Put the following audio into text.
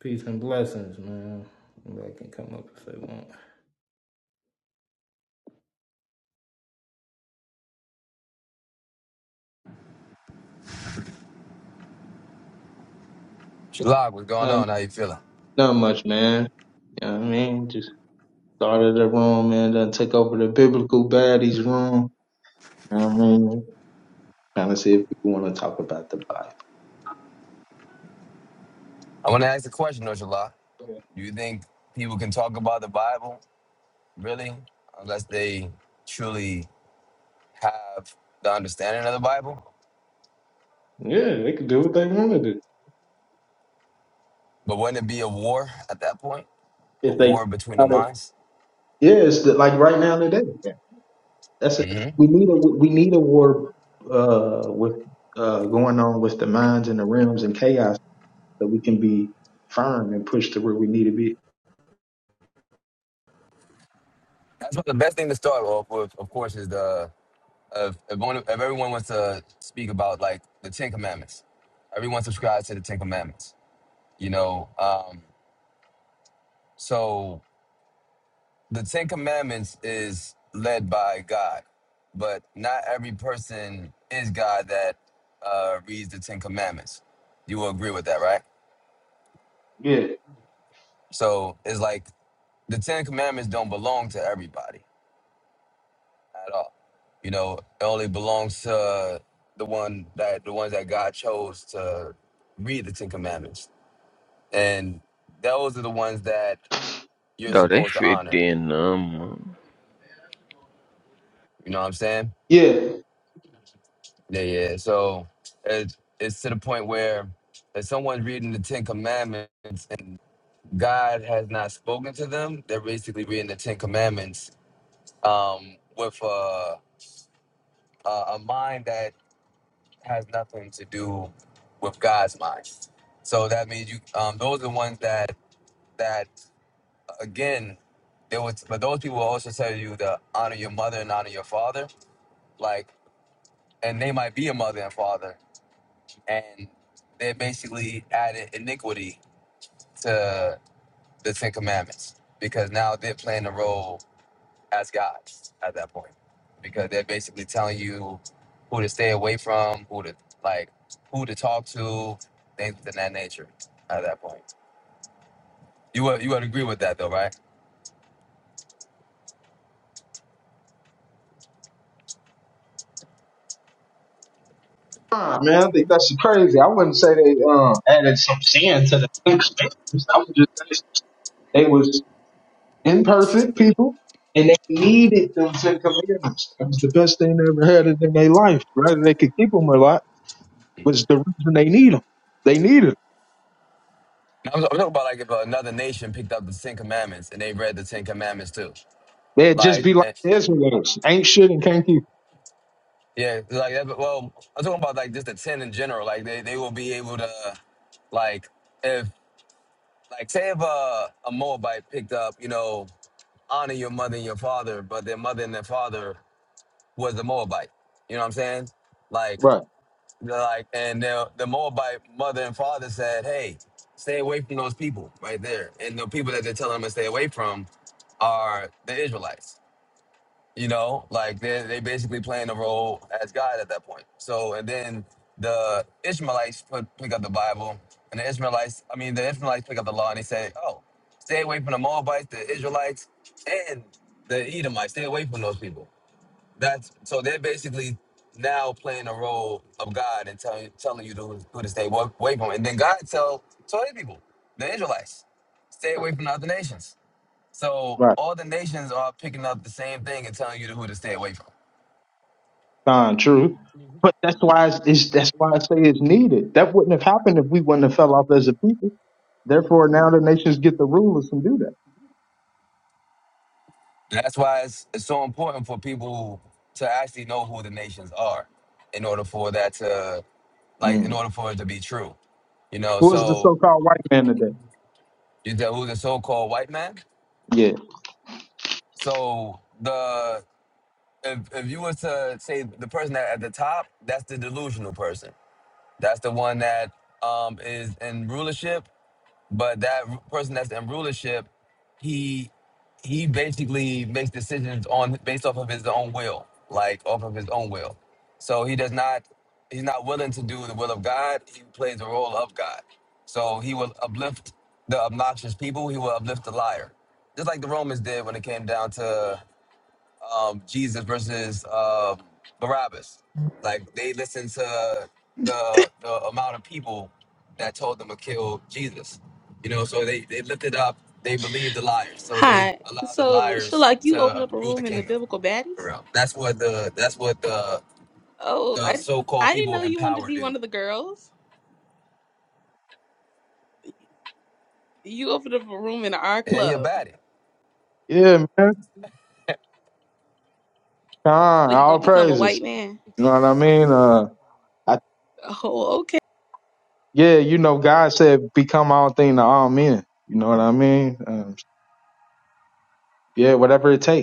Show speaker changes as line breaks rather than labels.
Peace and blessings, man. Anybody can come up if they want.
Shalak, what's going
Um,
on? How you feeling?
not much, man. You know what I mean? Just started the room, man. Then took over the biblical baddies room. You know what I mean? Trying to see if people want to talk about the Bible.
I want to ask a question, though, Shalak. Do you think people can talk about the Bible, really, unless they truly have the understanding of the Bible?
Yeah, they could do what they want to do.
But wouldn't it be a war at that point? A
If they,
war between the
yeah,
minds?
it's the, like right now today. Yeah, that's it.
hmm
We need a we need a war uh, with uh, going on with the minds and the realms and chaos so that we can be firm and push to where we need to be.
That's what the best thing to start off with, of course, is the, if, if, one, if everyone wants to speak about, like, the Ten Commandments. Everyone subscribes to the Ten Commandments, you know? Um, so the Ten Commandments is led by God, but not every person is God that uh, reads the Ten Commandments. You will agree with that, right?
Yeah,
So it's like the Ten Commandments don't belong to everybody at all. You know, it only belongs to the one that the ones that God chose to read the Ten Commandments, and those are the ones that you're
Dawg, they
supposed to
fit
honor.
in them.
You know what I'm saying?
yeah.
Yeah, yeah. So it's it's to the point where if someone's reading the Ten Commandments and God has not spoken to them, they're basically reading the Ten Commandments um, with a, a a mind that has nothing to do with God's mind. So that means you um, those are the ones that that again there was but those people will also tell you to honor your mother and honor your father, like and they might be a mother and father and they basically added iniquity to the Ten Commandments because now they're playing the role as gods at that point because they're basically telling you who to stay away from, who to like, who to talk to, things of that nature at that point. You would you would agree with that though, right?
Nah, man, I think that's crazy. I wouldn't say they um, added some sin to the commandments. I would just say they was imperfect people and they needed them ten commandments. That was the best thing they ever had in their life, right? They could keep them a lot was the reason they need them. They needed them.
Now, I'm, I'm talking about like if another nation picked up the Ten Commandments and they read the Ten Commandments too,
They'd just
like.
be like the Israelites, ain't shit and can't keep. 'em.
Yeah, like that. Well, I'm talking about like just the ten in general. Like they, they will be able to, like if like say if a a Moabite picked up, you know, honor your mother and your father, but their mother and their father was the Moabite. You know what I'm saying? Like
Right,
they're like, and the the Moabite mother and father said, "Hey, stay away from those people right there." And the people that they're telling them to stay away from are the Israelites you know like they they basically playing the role as god at that point so and then the ishmaelites put, pick up the bible and the ishmaelites i mean the ishmaelites pick up the law and they say oh stay away from the moabites the israelites and the edomites stay away from those people that's so they're basically now playing the role of god and telling telling you to who to stay wa- away from and then god tell tell his people the israelites stay away from the other nations so
right,
all the nations are picking up the same thing and telling you who to stay away from.
fine, true. But that's why it's, it's that's why I say it's needed. That wouldn't have happened if we wouldn't have fell off as a people. Therefore, now the nations get the rulers and do that.
And that's why it's, it's so important for people to actually know who the nations are in order for that to, like, in
Mm.
order for it to be true. You know,
Who is the
so
so-called white man today?
you tell who's a so-called white man.
Yeah.
So the if, if you were to say the person that at the top, that's the delusional person. That's the one that um, is in rulership But that r- person that's in rulership, he he basically makes decisions on based off of his own will, like off of his own will. So he does not he's not willing to do the will of God. He plays the role of God. So he will uplift the obnoxious people. He will uplift the liar, just like the Romans did when it came down to um, Jesus versus uh, Barabbas. Like they listened to the the amount of people that told them to kill Jesus. You know, so they they lifted up. They believed the liars, so they
Hi.
allowed the
So,
liars
Shalak, you opened
to
up a
rule the
room in the
kingdom.
Biblical
For
Baddies?
real, that's what the that's what the
Oh,
the
I
so-called
I didn't
people
know
in
you wanted to
power
be
do.
one of the girls. You opened up a room in our
And he a
club.
baddie.
Yeah, man. God,
So you
all
gonna become a
praises.
white man?
You know what I mean? Uh, I,
Oh, okay.
yeah, you know, God said, become all thing to all men. You know what I mean? Um, yeah, whatever it takes.